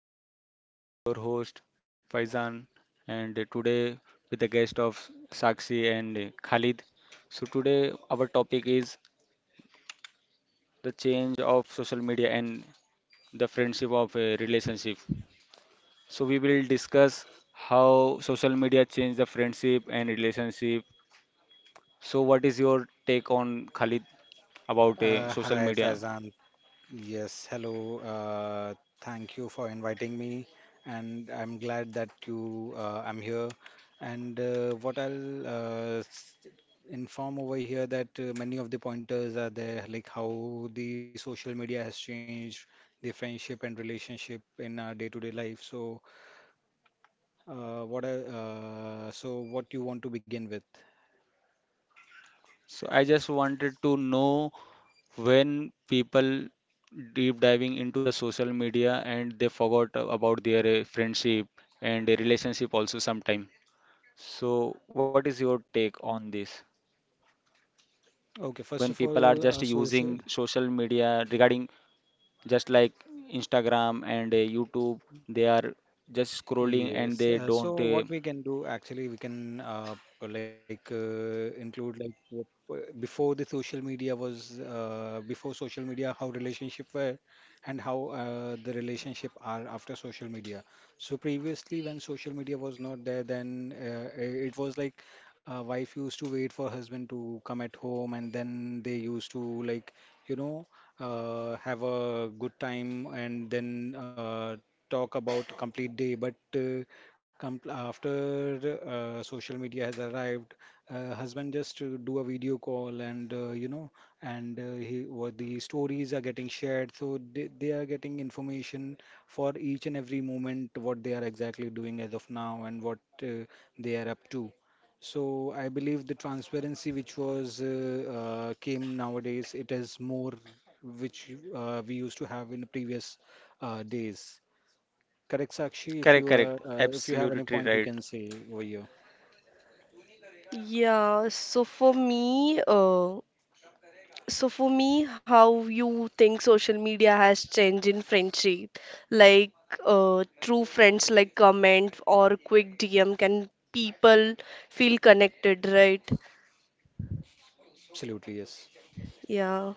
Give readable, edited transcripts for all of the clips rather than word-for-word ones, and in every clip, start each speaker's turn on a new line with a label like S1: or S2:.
S1: everyone. I am your host, Faizan, and today with the guest of Sakshi and Khalid. So, today our topic is the change of social media and the friendship of a relationship. So, we will discuss how social media changed the friendship and relationship. So, what is your take on Khalid about social
S2: Hi,
S1: media?
S2: Faizan. Yes, hello. Thank you for inviting me, and I'm glad that you I'm here. And what I'll inform over here that many of the pointers are there, like how the social media has changed the friendship and relationship in our day-to-day life. So, so what you want to begin with?
S1: So, I just wanted to know when people deep diving into the social media and they forgot about their friendship and their relationship also sometime. So, what is your take on this?
S2: Okay, first of
S1: When
S2: all,
S1: people are just
S2: social.
S1: using social media regarding just like Instagram and YouTube, they are just scrolling and
S2: Yes.
S1: they don't
S2: So what we can do actually, we can include like what, before the social media was before social media, how relationship were and how the relationship are after social media. So previously, when social media was not there, then it was like wife used to wait for husband to come at home, and then they used to you know have a good time and then talk about complete day, but com- after social media has arrived, husband just do a video call and you know, and he what the stories are getting shared, so they are getting information for each and every moment what they are exactly doing as of now and what they are up to. So I believe the transparency which was came nowadays, it is more which we used to have in the previous days. Correct, Sakshi. If
S1: Correct,
S2: you are,
S1: correct.
S2: if you have any
S1: Absolutely
S2: point, you
S1: right.
S2: can say over here.
S3: Yeah, so for me, how you think social media has changed in friendship? Like, true friends like comment or quick DM can people feel connected, right?
S2: Absolutely, yes.
S3: Yeah,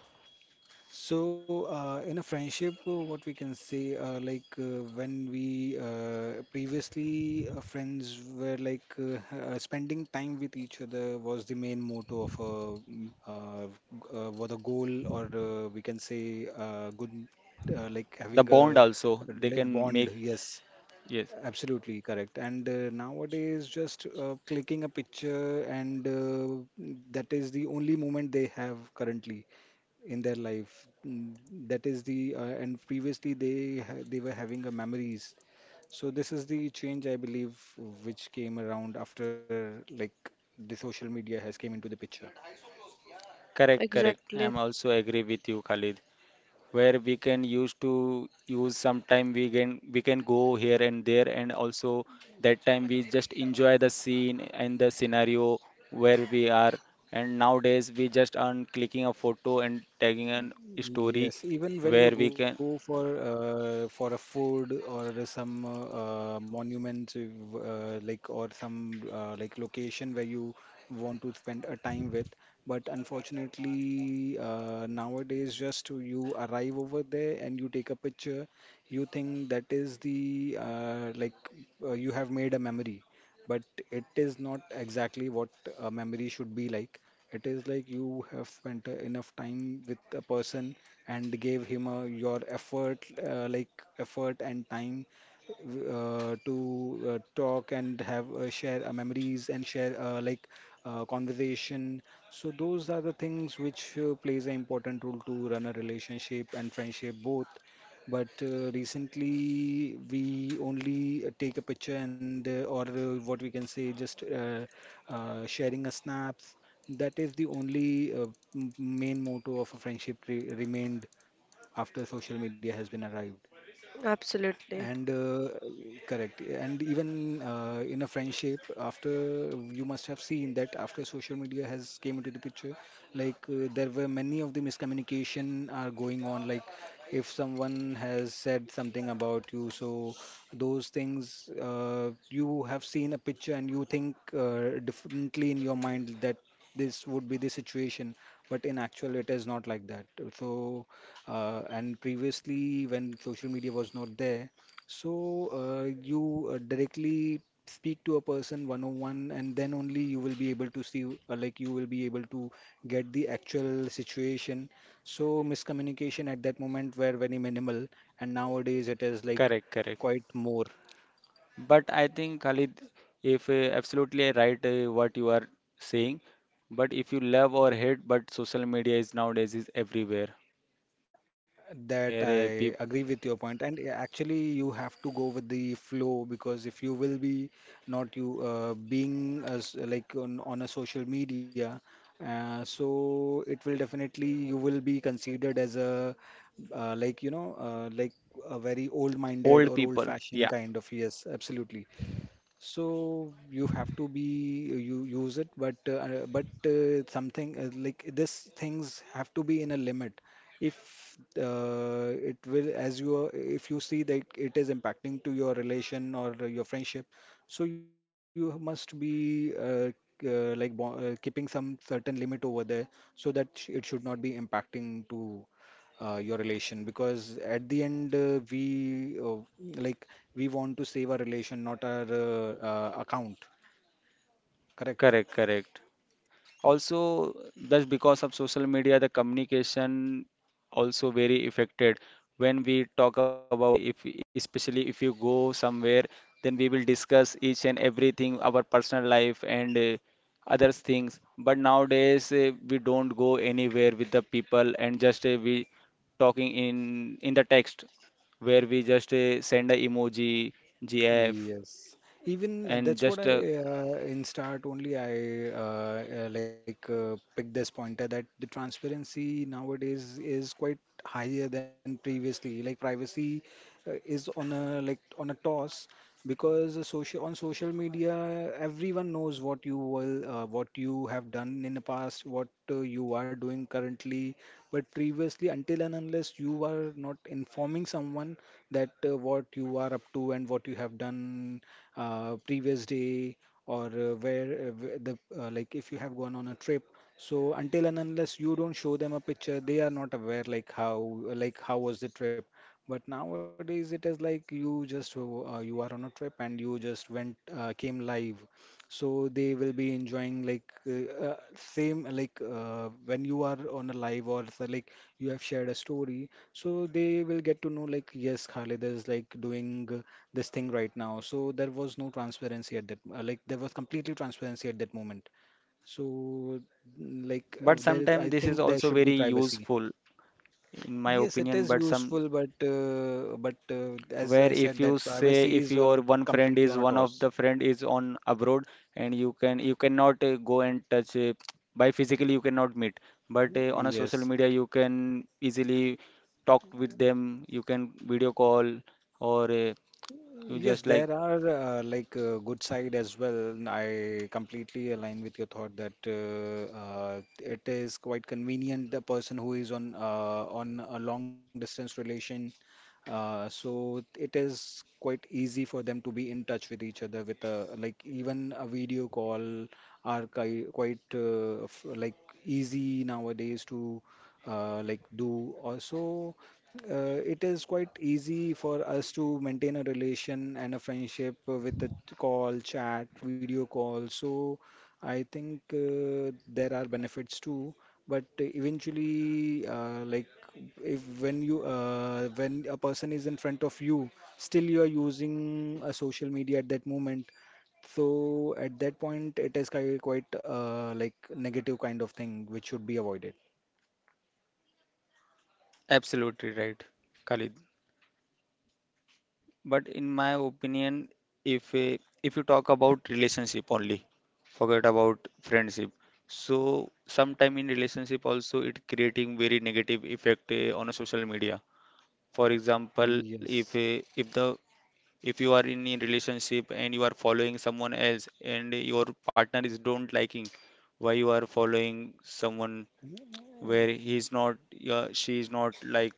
S2: So, in a friendship, what we can say, when we previously friends were like spending time with each other was the main motto of a mm, uh, was a goal, or we can say good, like
S1: The
S2: having
S1: bond
S2: a
S1: also, they can
S2: bond.
S1: make,
S2: Yes,
S1: yes.
S2: absolutely correct. And nowadays, just clicking a picture, and that is the only moment they have currently in their life. Mm, that is the and previously they were having a memories. So this is the change I believe which came around after like the social media has came into the picture.
S1: Correct, correct.
S3: exactly.
S1: I'm also agree with you, Khalid, where we can use to use sometime, we can go here and there, and also that time we just enjoy the scene and the scenario where we are. And nowadays we just on clicking a photo and tagging an story,
S2: Yes, even
S1: where we
S2: when you
S1: can.
S2: go for a food or some monument like or some like location where you want to spend a time with, but unfortunately nowadays just you arrive over there and you take a picture, you think that is the you have made a memory but it is not exactly what a memory should be like. It is like you have spent enough time with a person and gave him your effort, effort and time to talk and have share memories and share conversation. So those are the things which plays an important role to run a relationship and friendship both. But recently, we only take a picture and or what we can say, just sharing a snaps. That is the only main motto of a friendship re remained after social media has been arrived.
S3: Absolutely.
S2: And correct. And even in a friendship, after you must have seen that after social media has came into the picture, like there were many of the miscommunication are going on. Like if someone has said something about you, so those things you have seen a picture and you think differently in your mind that this would be the situation, but in actual it is not like that. So. And previously, when social media was not there, so you directly speak to a person one on one, and then only you will be able to see, you will be able to get the actual situation. So miscommunication at that moment were very minimal, and nowadays it is like
S1: Correct, correct.
S2: quite more.
S1: But I think Khalid, if absolutely right what you are saying, but if you love or hate, but social media is nowadays is everywhere,
S2: That
S1: where
S2: I
S1: peop-
S2: agree with your point, and actually, you have to go with the flow because if you will be not you being as like on a social media, so it will definitely you will be considered as a like a very old-minded
S1: old
S2: or
S1: people,
S2: old-fashioned
S1: yeah.
S2: kind of yes, absolutely. So you have to be you use it, but something like this things have to be in a limit. If it will, as you are, if you see that it is impacting to your relation or your friendship, so you must be like bo keeping some certain limit over there so that it should not be impacting to your relation because at the end like we want to save our relation not our account correct
S1: Correct, correct. Also, just because of social media the communication also very affected when we talk about if especially if you go somewhere, then we will discuss each and everything our personal life and other things. But nowadays we don't go anywhere with the people, and just we talking in the text, where we just send a emoji, gif,
S2: yes even
S1: and
S2: that's what
S1: just
S2: I in start only I picked this pointer that the transparency nowadays is quite higher than previously like privacy is on a on a toss because social on social media everyone knows what you will what you have done in the past what you are doing currently but previously until and unless you are not informing someone that what you are up to and what you have done previous day or where the if you have gone on a trip so until and unless you don't show them a picture they are not aware like how was the trip but nowadays it is like you are on a trip and you just went came live, so they will be enjoying like same like when you are on a live or so, like you have shared a story, so they will get to know like yes Khalid is like doing this thing right now. So there was no transparency at that there was completely transparency at that moment. So
S1: but sometimes
S2: I
S1: this is
S2: think there
S1: also
S2: should be
S1: very
S2: privacy.
S1: useful in my
S2: Yes, it
S1: opinion,
S2: is
S1: but some
S2: useful, but as
S1: where,
S2: I
S1: if
S2: said,
S1: you
S2: that
S1: say,
S2: privacy
S1: if
S2: is
S1: your
S2: on
S1: one friend
S2: completely
S1: is
S2: on a
S1: one of
S2: toss.
S1: the friend is on abroad, and you can you cannot go and touch by physically you cannot meet, but on a social
S2: Yes,
S1: media you can easily talk with them, you can video call, or you
S2: yes,
S1: just like.
S2: there are good side as well. And I completely align with your thought that it is quite convenient the person who is on a long distance relation, so it is quite easy for them to be in touch with each other with a like even a video call are ki quite f like easy nowadays to do also it is quite easy for us to maintain a relation and a friendship with a call chat video call so I think there are benefits too but eventually if when a person is in front of you still you are using a social media at that moment so at that point it is ki- quite like negative kind of thing which should be avoided.
S1: Absolutely right, Khalid. But in my opinion, if a, if you talk about relationship only, forget about friendship. So sometime in relationship also it creating very negative effect on a social media. For example, if
S2: Yes,
S1: eh, if the if you are in a relationship and you are following someone else, and your partner is don't liking why you are following someone, where he is not she is not like,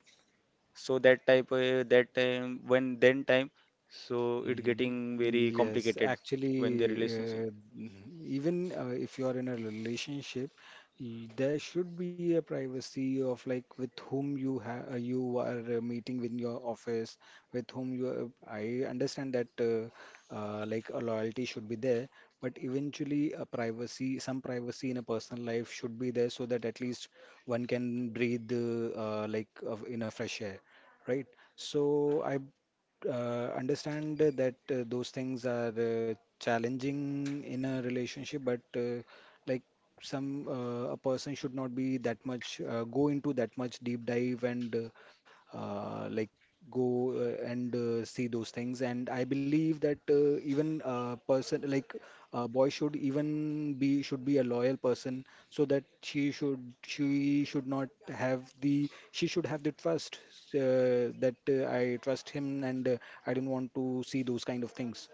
S1: so that type that time when then time, so it
S2: mm,
S1: getting very
S2: yes.
S1: complicated
S2: Actually,
S1: when the relationship.
S2: even if you are in a relationship, there should be a privacy of like with whom you are meeting with your office, with whom you are. I understand that a loyalty should be there, but eventually a privacy, some privacy in a personal life should be there so that at least one can breathe of in a fresh air, right? So I understand that those things are challenging in a relationship, but like some a person should not be that much go into that much deep dive and like go and see those things and I believe that even person like a boy should even be should be a loyal person so that she should not have the she should have the trust that I trust him and I don't want to see those kind of things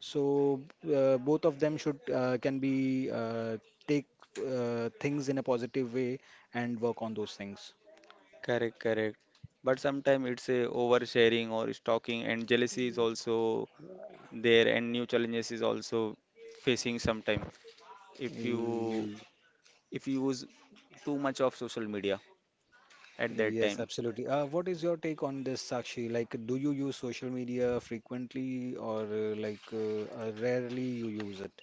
S2: so both of them should can be take things in a positive way and work on those things.
S1: Correct, correct. But sometimes it's a oversharing or stalking and jealousy is also there, and new challenges is also facing sometime, if you
S2: Eh,
S1: if you use too much of social media at that
S2: yes,
S1: time.
S2: absolutely. What is your take on this, Sakshi? Like, do you use social media frequently or rarely you use it?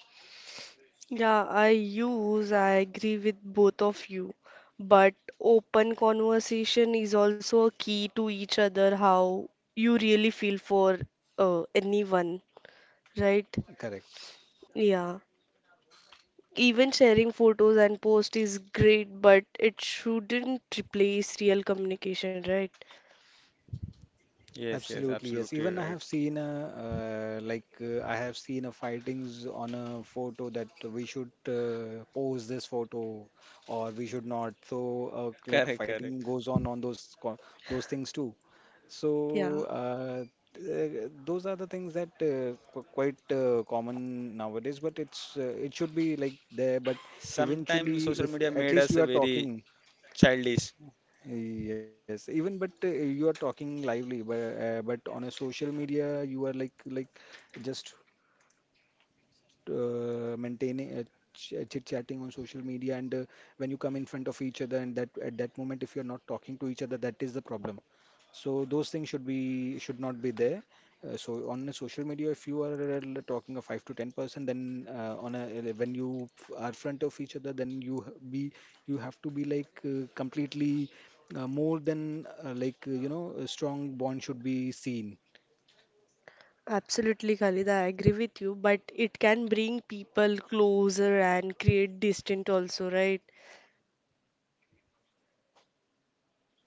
S3: Yeah, I use, I agree with both of you. But open conversation is also a key to each other, how you really feel for anyone. Right?
S2: Correct.
S3: Yeah. Even sharing photos and post is great, but it shouldn't replace real communication, right?
S1: Yes, yes,
S2: Absolutely, yes.
S1: absolutely
S2: Even I
S1: right.
S2: have seen a I have seen a fightings on a photo that we should post this photo or we should not. So
S1: Correct, correct.
S2: fighting goes on those things too.
S3: Yeah,
S2: So those are the things that qu- quite common nowadays, but it should be like there. But
S1: Sometimes
S2: eventually,
S1: social
S2: if
S1: media
S2: at
S1: made
S2: least
S1: us
S2: you
S1: a
S2: are
S1: very
S2: talking,
S1: childish.
S2: yes, even but you are talking lively, but on a social media, you are like just maintaining. Chit chatting on social media, and when you come in front of each other and that at that moment if you're not talking to each other, that is the problem, so those things should be should not be there. So on a social media, if you are talking a 5 to 10%, then on a when you are front of each other, then you h- be you have to be like completely more than a strong bond should be seen.
S3: absolutely, Khalid. I agree with you, but it can bring people closer and create distance also, right?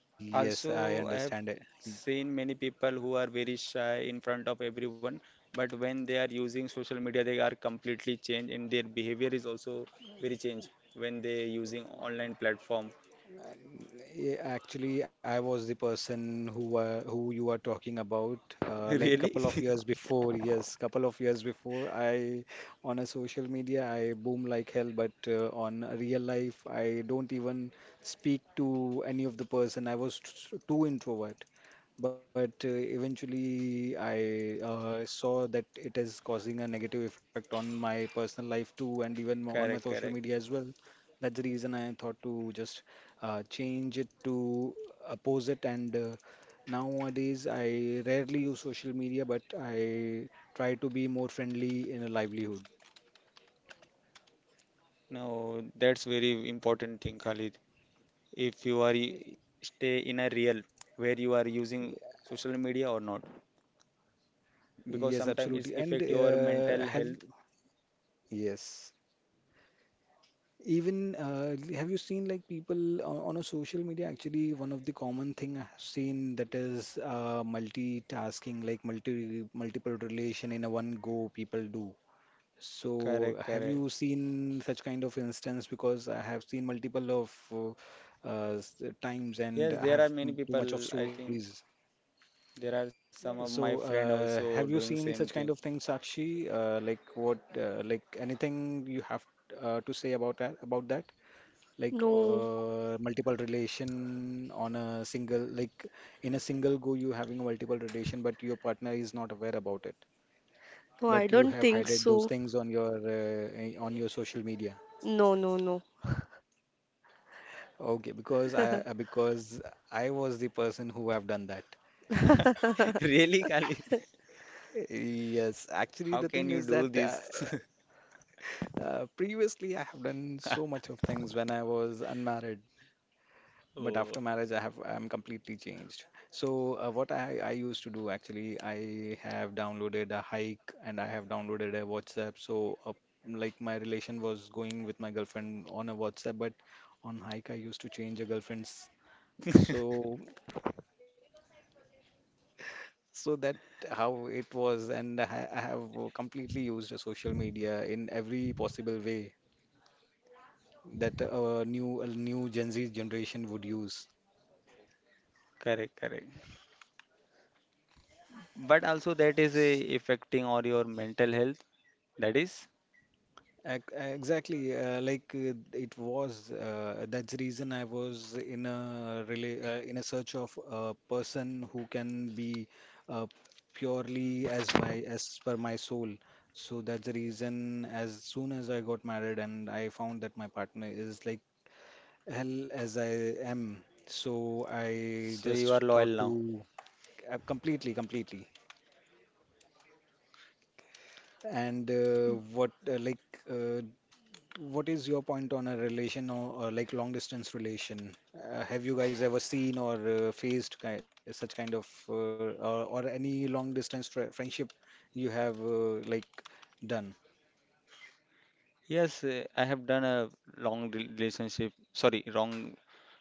S2: Yes, I
S1: Also, I have
S2: understand it.
S1: seen many people who are very shy in front of everyone, but when they are using social media, they are completely changed, and their behavior is also very changed when they using online platform.
S2: Yeah, actually, I was the person who you are talking about. Like
S1: Really?
S2: couple of years before, yes, couple of years before, I on a social media I boom like hell, but on a real life I don't even speak to any of the person. I was too introvert, but eventually I saw that it is causing a negative effect on my personal life too, and even on
S1: Correct,
S2: my
S1: correct.
S2: social media as well. That's the reason I thought to just change it to oppose it. And Nowadays, I rarely use social media, but I try to be more friendly in a livelihood.
S1: No, that's very important thing, Khalid. If you are I- stay in a real, where you are using social media or not, because
S2: Yes,
S1: sometimes it's
S2: absolutely. And
S1: affect your mental
S2: have
S1: health.
S2: Yes. Even have you seen like people on a social media? Actually, one of the common thing I've seen that is multitasking, like multiple relation in a one go people do. So
S1: Correct,
S2: have
S1: correct.
S2: you seen such kind of instance? Because I have seen multiple of uh, uh, s- times and
S1: Yes,
S2: I
S1: there are
S2: have
S1: many
S2: too much
S1: people,
S2: of
S1: I think.
S2: stories.
S1: There are some of my
S2: So
S1: friend also
S2: have
S1: doing
S2: you
S1: same
S2: seen such
S1: thing.
S2: kind of things, Sakshi? Like what? Like anything you have to say about that? About that? Like
S3: No,
S2: multiple relation on a single like in a single go you having a multiple relation, but your partner is not aware about it,
S3: no, I
S2: but you
S3: don't
S2: have
S3: think
S2: hided those
S3: so.
S2: things on your social media.
S3: No, no, no.
S2: Okay, because I because I was the person who have done that.
S1: Really, Kali?
S2: Yes, actually
S1: How
S2: the
S1: can
S2: thing
S1: you
S2: is that
S1: do this?
S2: previously I have done so much of things when I was unmarried, but
S1: Oh,
S2: after marriage I'm completely changed. So what I used to do, actually I have downloaded a hike and I have downloaded a WhatsApp, so like my relation was going with my girlfriend on a WhatsApp, but on hike I used to change a girlfriend's. So so that how it was, and I have completely used a social media in every possible way that a new gen Z generation would use.
S1: correct, correct. But also that is a affecting or your mental health. That is.
S2: Exactly, it was. That's the reason I was in a really in a search of a person who can be uh, purely as my as per my soul. So that's the reason. As soon as I got married and I found that my partner is like hell as I am, so I
S1: So you are
S2: just thought
S1: loyal now.
S2: to completely, completely. And What uh, what is your point on a relation or like long distance relation? Have you guys ever seen or faced ki such kind of or any long distance fr friendship you have done?
S1: Yes, eh, I have done a relationship. Sorry, wrong,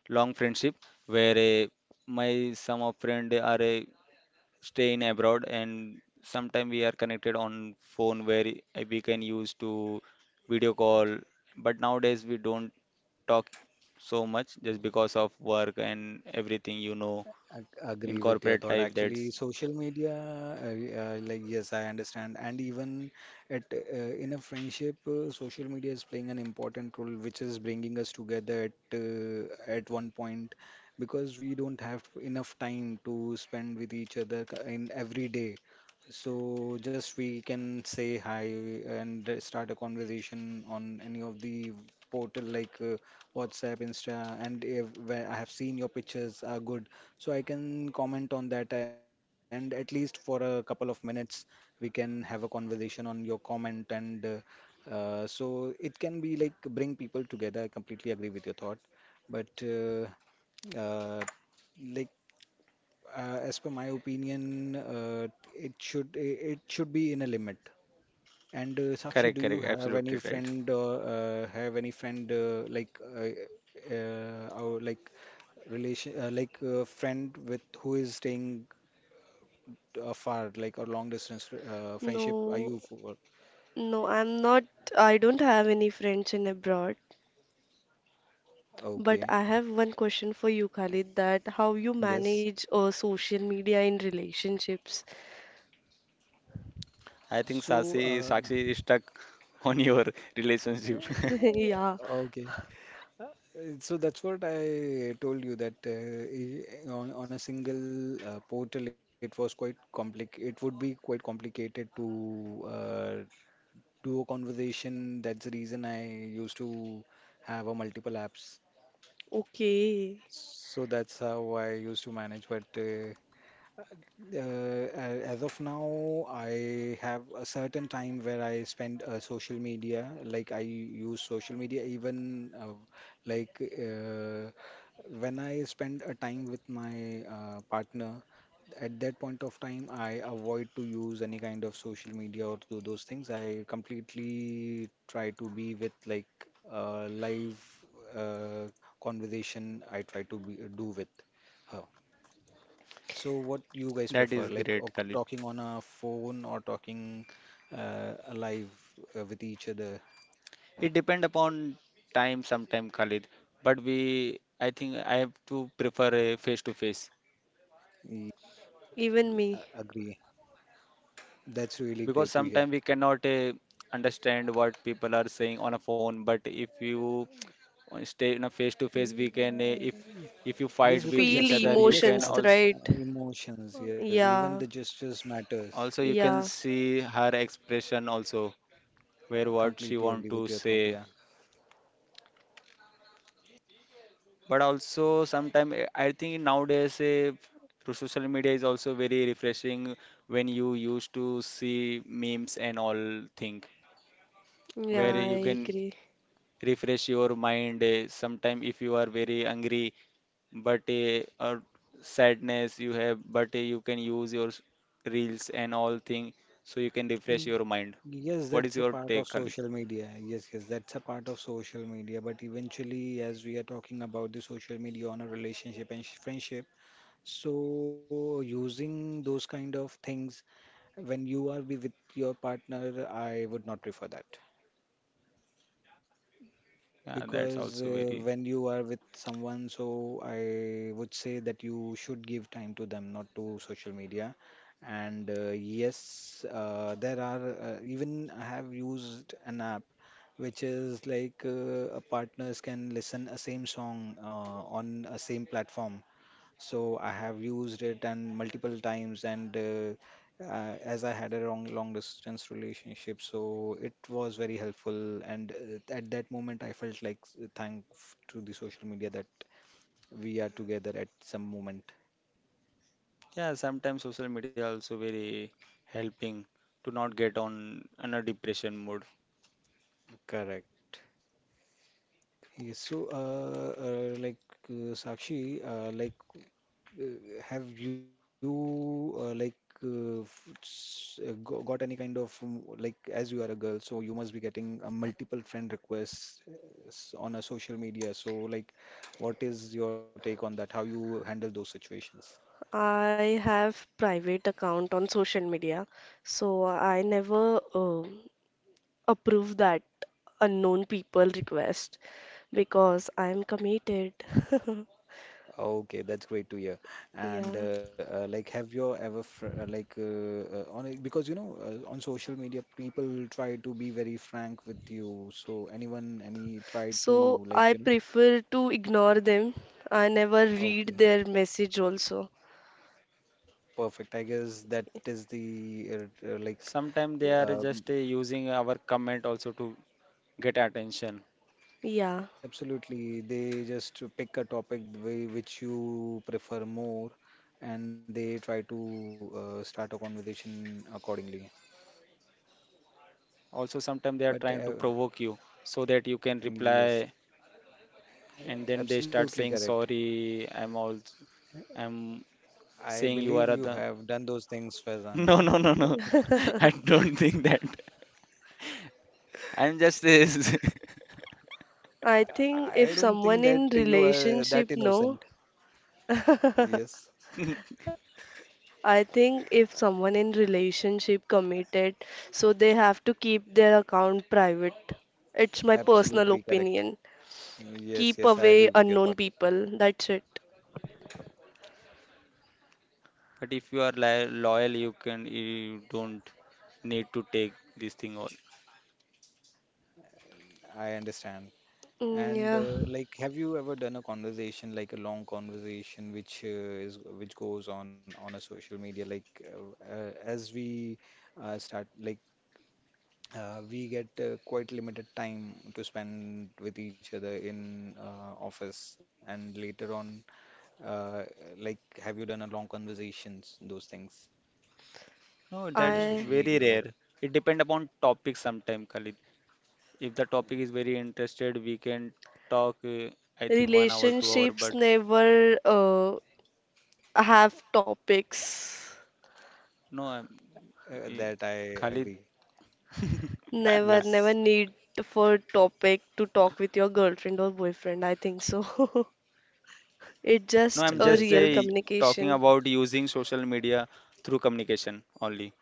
S1: long friendship, where my some of friend are stay in abroad, and sometime we are connected on phone, where we can use to video call, but nowadays we don't talk so much just because of work and everything, you know,
S2: Agree with
S1: in
S2: your thought.
S1: corporate life.
S2: Actually,
S1: That's
S2: social media, yes, I understand, and even at in a friendship, social media is playing an important role, which is bringing us together at one point, because we don't have enough time to spend with each other in every day. So just we can say hi and start a conversation on any of the portal like WhatsApp, Insta, and if, where I have seen your pictures are good, so I can comment on that, and at least for a couple of minutes, we can have a conversation on your comment. And so it can be like bring people together. I completely agree with your thought, but uh, like as per my opinion, it should be in a limit. And
S1: correct,
S2: Sakshi, do
S1: correct,
S2: you have
S1: absolutely
S2: any
S1: right.
S2: friend or have any friend or like relation like a friend with who is staying far, like a long distance friendship are
S3: No,
S2: you for?
S3: no, I'm not. I don't have any friends in abroad, but
S2: Okay.
S3: I have one question for you, Khalid, that how you
S2: Yes.
S3: manage social media in relationships.
S1: I think sasi
S2: So,
S1: Sakshi is stuck on your relationship.
S3: Yeah,
S2: okay. Uh, So that's what I told you that on a single portal it was quite complic it would be quite complicated to uh, do a conversation. That's the reason I used to have a multiple apps.
S3: okay.
S2: So that's how I used to manage. But uh, as of now, I have a certain time where I spend social media. Like I use social media even like uh, when I spend a time with my partner. At that point of time, I avoid to use any kind of social media or do those things. I completely try to be with like live uh, conversation. I try to be, do with her. So what you
S1: That is
S2: guys prefer,
S1: great,
S2: like
S1: Khalid.
S2: talking on a phone or talking live with each other?
S1: It depend upon time, sometime Khalid, but we, I think I have to prefer a face to face.
S2: Y-
S3: Even me.
S2: Agree. That's really
S1: Because
S2: great to
S1: sometimes
S2: hear.
S1: we cannot understand what people are saying on a phone, but if you stay in a face to face, we can
S2: Yeah.
S1: if you
S2: Yes,
S1: fight
S2: because
S1: with each
S3: Feel
S2: gesture,
S1: other, you
S2: yes,
S1: can
S3: emotions,
S1: also,
S3: right?
S2: emotions, yes, even the
S3: Yeah,
S2: gestures matters.
S1: also you can
S3: yeah,
S1: see her expression also, where what
S2: Completely
S1: she
S2: agree
S1: want
S2: with
S1: to
S2: your thought,
S1: say.
S2: yeah.
S1: But also sometimes I think nowadays through social media is also very refreshing, when you used to see memes and all thing,
S3: yeah,
S1: where you
S3: I
S1: can
S2: Y-
S3: agree.
S1: refresh your mind. Sometimes if you are very angry, but a sadness you have, but you can use your reels and all thing, so you can refresh
S2: y-
S1: your mind.
S2: Yes,
S1: What is
S2: that's a
S1: your
S2: part of
S1: take, Khalid?
S2: social media. Yes, yes, that's a part of social media. But eventually, as we are talking about the social media on a relationship and friendship, so using those kind of things when you are be with your partner, I would not prefer that,
S1: Yeah, that's also
S2: because
S1: very.
S2: when you are with someone, so I would say that you should give time to them, not to social media. And yes, there are even I have used an app which is like partners can listen a same song on a same platform, so I have used it and multiple times, and as I had a long long distance relationship, so it was very helpful, and at that moment I felt like thank to the social media that we are together at some moment.
S1: Yeah, sometimes social media also very helping to not get on a depression mode.
S2: Correct. Yes, so Sakshi, Uh, have you got any kind of as you are a girl, so you must be getting a multiple friend requests on a social media. So like, what is your take on that? How you handle those situations?
S3: I have private account on social media, so I never approve that unknown people request because I'm committed.
S2: Okay, that's great to hear.
S3: Yeah.
S2: And, have you ever fr like on a, because you know on social media people try to be very frank with you. So anyone any try
S3: So
S2: to like
S3: I
S2: you know?
S3: prefer to ignore them. I never read
S2: Okay.
S3: their message also.
S2: Perfect. I guess that is the uh, uh, like
S1: Sometimes they are
S2: um,
S1: just using our comment also to get attention.
S3: Yeah.
S2: yes, absolutely. They just pick a topic the way which you prefer more, and they try to start a conversation accordingly.
S1: Also sometimes they are trying
S2: But
S1: to provoke you, so that you can
S2: yes,
S1: reply. And then they start
S2: absolutely
S1: saying
S2: correct.
S1: sorry, I'm all, I'm
S2: I
S1: saying you
S2: believe
S1: are
S2: you
S1: the.
S2: have done those things, Faizan.
S1: No,
S2: Yeah,
S1: no, no, no. I don't think that. I'm just this.
S3: I think
S2: I
S3: if
S2: don't
S3: someone
S2: think that
S3: in
S2: you are
S3: relationship,
S2: that
S3: no,
S2: innocent. Yes,
S1: But
S3: I think if someone in relationship committed, so they have to keep their account private. It's my personal
S2: absolutely correct.
S3: opinion.
S2: Yes,
S3: Keep
S2: yes, I
S3: away
S2: agree with your
S3: unknown
S2: thought.
S3: people. That's it.
S1: if you are loyal, you can you don't need to take this thing all.
S2: I understand.
S3: Mm,
S2: And,
S3: yeah,
S2: have you ever done a conversation, like a long conversation, which is which goes on a social media? Like, as we start, like, we get quite limited time to spend with each other in office, and later on, uh, have you done a long conversations, those things
S1: No,
S2: on a
S1: that is
S2: social
S3: I
S2: media
S1: very
S2: or
S1: rare. It depend upon topic sometime, Khalid. If the topic is very interested, we can talk I think 1 hour 2 hour
S3: relationships
S1: but.
S3: never have topics.
S1: No, I'm,
S2: that I
S1: eh,
S2: agree.
S1: Khalid,
S2: Yes,
S3: Never, never need for topic to talk with your girlfriend or boyfriend. I think so. It's
S1: no
S3: just
S1: i'm
S3: a
S2: yes,
S1: just
S2: I
S3: real
S2: understand.
S1: talking
S3: communication.
S1: about using social media through communication only.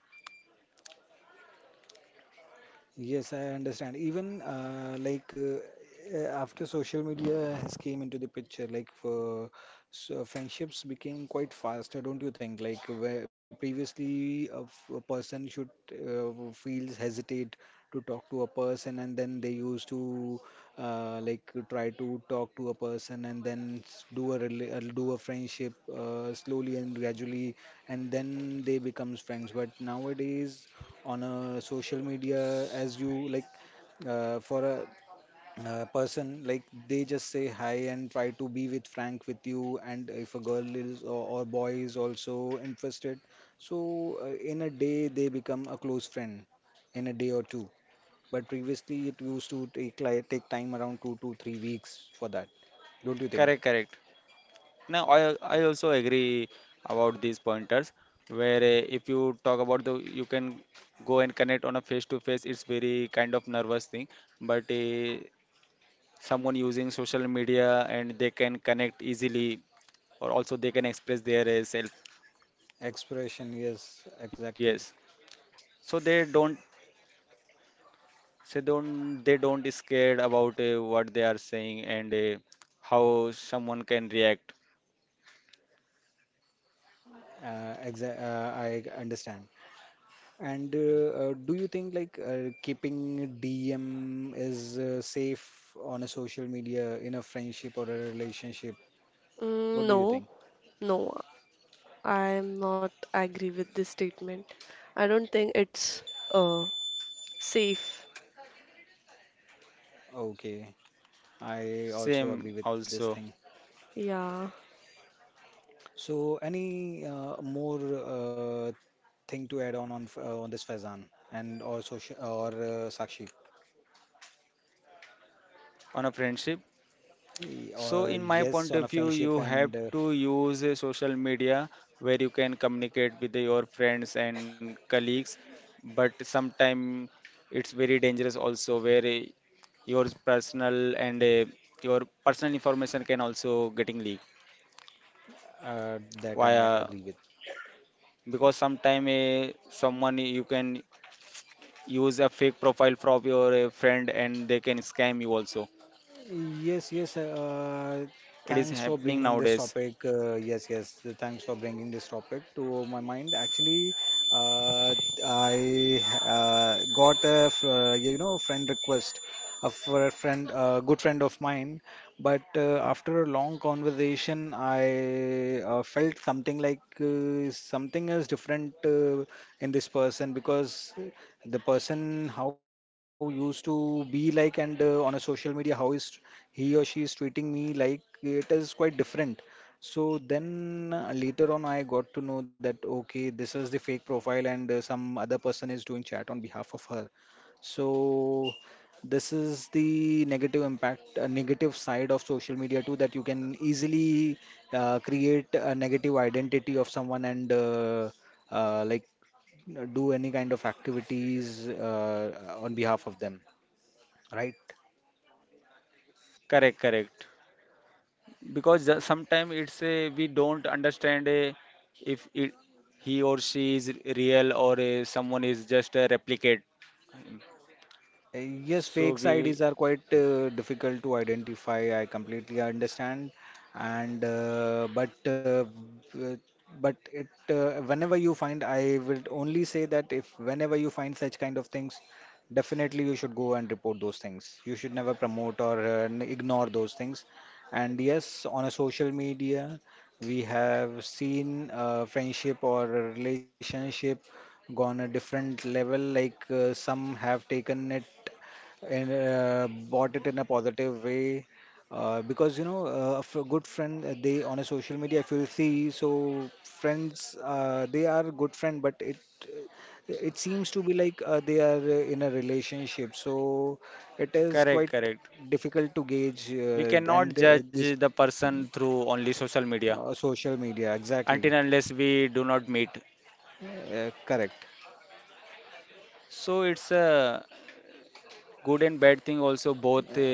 S2: Yes, I understand. Even like After social media has came into the picture, like for so friendships became quite faster, don't you think? Like where previously a, a person should feels hesitate to talk to a person, and then they used to try to talk to a person, and then do a friendship slowly and gradually, and then they becomes friends. But nowadays on a social media as you like for a person like they just say hi and try to be with frank with you, and if a girl is or boy is also interested, so in a day they become a close friend in a day or two. But previously it used to take time around 2 to 3 weeks for that, don't you think?
S1: Correct, correct. Now, I also agree about these pointers, where if you talk about the you can go and connect on a face to face, it's very kind of nervous thing. But someone using social media, and they can connect easily, or also they can express their self.
S2: Expression, yes, exactly.
S1: Yes, so they don't, so don't they don't is scared about what they are saying and how someone can react.
S2: I understand. And do you think like keeping DM is safe on a social media in a friendship or a relationship?
S3: Mm,
S2: What do you
S3: no,
S2: think?
S3: no, I'm not agree with this statement. I don't think it's uh safe.
S2: Okay, I also agree
S1: Same
S2: with this
S1: also.
S2: thing.
S3: Yeah,
S2: So, any more thing to add on on this Faizan and or social or Sakshi?
S1: On a friendship. So,
S2: Or
S1: in my
S2: yes,
S1: point
S2: on
S1: of
S2: a
S1: view,
S2: friendship
S1: you have
S2: and
S1: to use a social media where you can communicate with your friends and colleagues, but sometimes it's very dangerous also, where your personal and your personal information can also getting leaked
S2: that I
S1: via,
S2: agree with.
S1: because sometimes someone you can use a fake profile from your friend, and they can scam you also.
S2: Yes, yes.
S1: It is
S2: Thanks for
S1: happening
S2: bringing this
S1: nowadays.
S2: topic. Yes, yes. Thanks for bringing this topic to my mind. Actually, uh, I got a you know friend request of for a friend, a good friend of mine. But after a long conversation, I felt something like something is different in this person because the person how used to be like, and on a social media how is he or she is treating me, like it is quite different. So then later on, I got to know that okay, this is the fake profile, and some other person is doing chat on behalf of her. So this is the negative impact, a negative side of social media too, that you can easily create a negative identity of someone and uh, like do any kind of activities on behalf of them, right?
S1: Correct, correct. Because sometimes it's a we don't understand a, if it he or she is real, or a, someone is just a replicate,
S2: Uh, Yes,
S1: so
S2: fake
S1: we.
S2: IDs are quite difficult to identify. I completely understand, and uh, but it whenever you find, I will only say that if whenever you find such kind of things, definitely you should go and report those things. You should never promote or ignore those things. And yes, on a social media, we have seen friendship or a relationship gone a different level, like some have taken it and bought it in a positive way, because you know a good friend, they on a social media if you see so friends they are good friend, but it seems to be like they are in a relationship, so it is
S1: Correct,
S2: quite
S1: correct.
S2: difficult to gauge,
S1: We
S2: uh,
S1: cannot
S2: and uh,
S1: judge
S2: this
S1: the person through only social media
S2: social media
S1: until
S2: exactly
S1: and unless we do not meet.
S2: correct.
S1: So it's a good and bad thing also both, uh,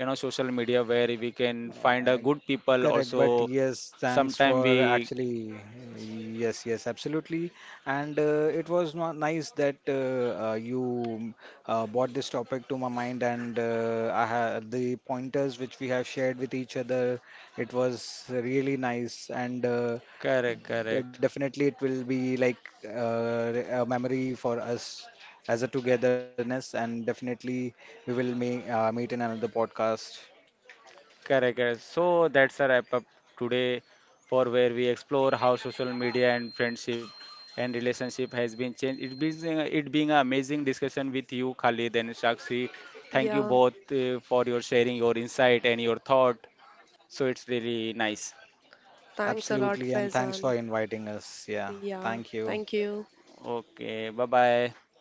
S1: you know social media where we can find a
S2: Uh,
S1: good people
S2: Correct,
S1: also
S2: but yes,
S1: sometime
S2: thanks
S1: we.
S2: for actually, yes, yes, absolutely. And it was not nice that you brought this topic to my mind, and I had the pointers which we have shared with each other. It was really nice, and
S1: Correct, correct.
S2: definitely it will be like a memory for us as a togetherness, and definitely we will may, meet in another podcast.
S1: Correct, correct. So that's a wrap up today, for where we explore how social media and friendship and relationship has been changed. It being an amazing discussion with you, Khalid and Shakshi. Thank you
S3: yeah.
S1: both for your sharing your insight and your thought. So it's really nice.
S3: Thanks a lot,
S2: Absolutely, and thanks
S3: Faizan.
S2: for inviting us. Yeah,
S3: Yeah,
S2: thank
S3: thank
S2: you.
S3: you.
S1: Okay, bye bye.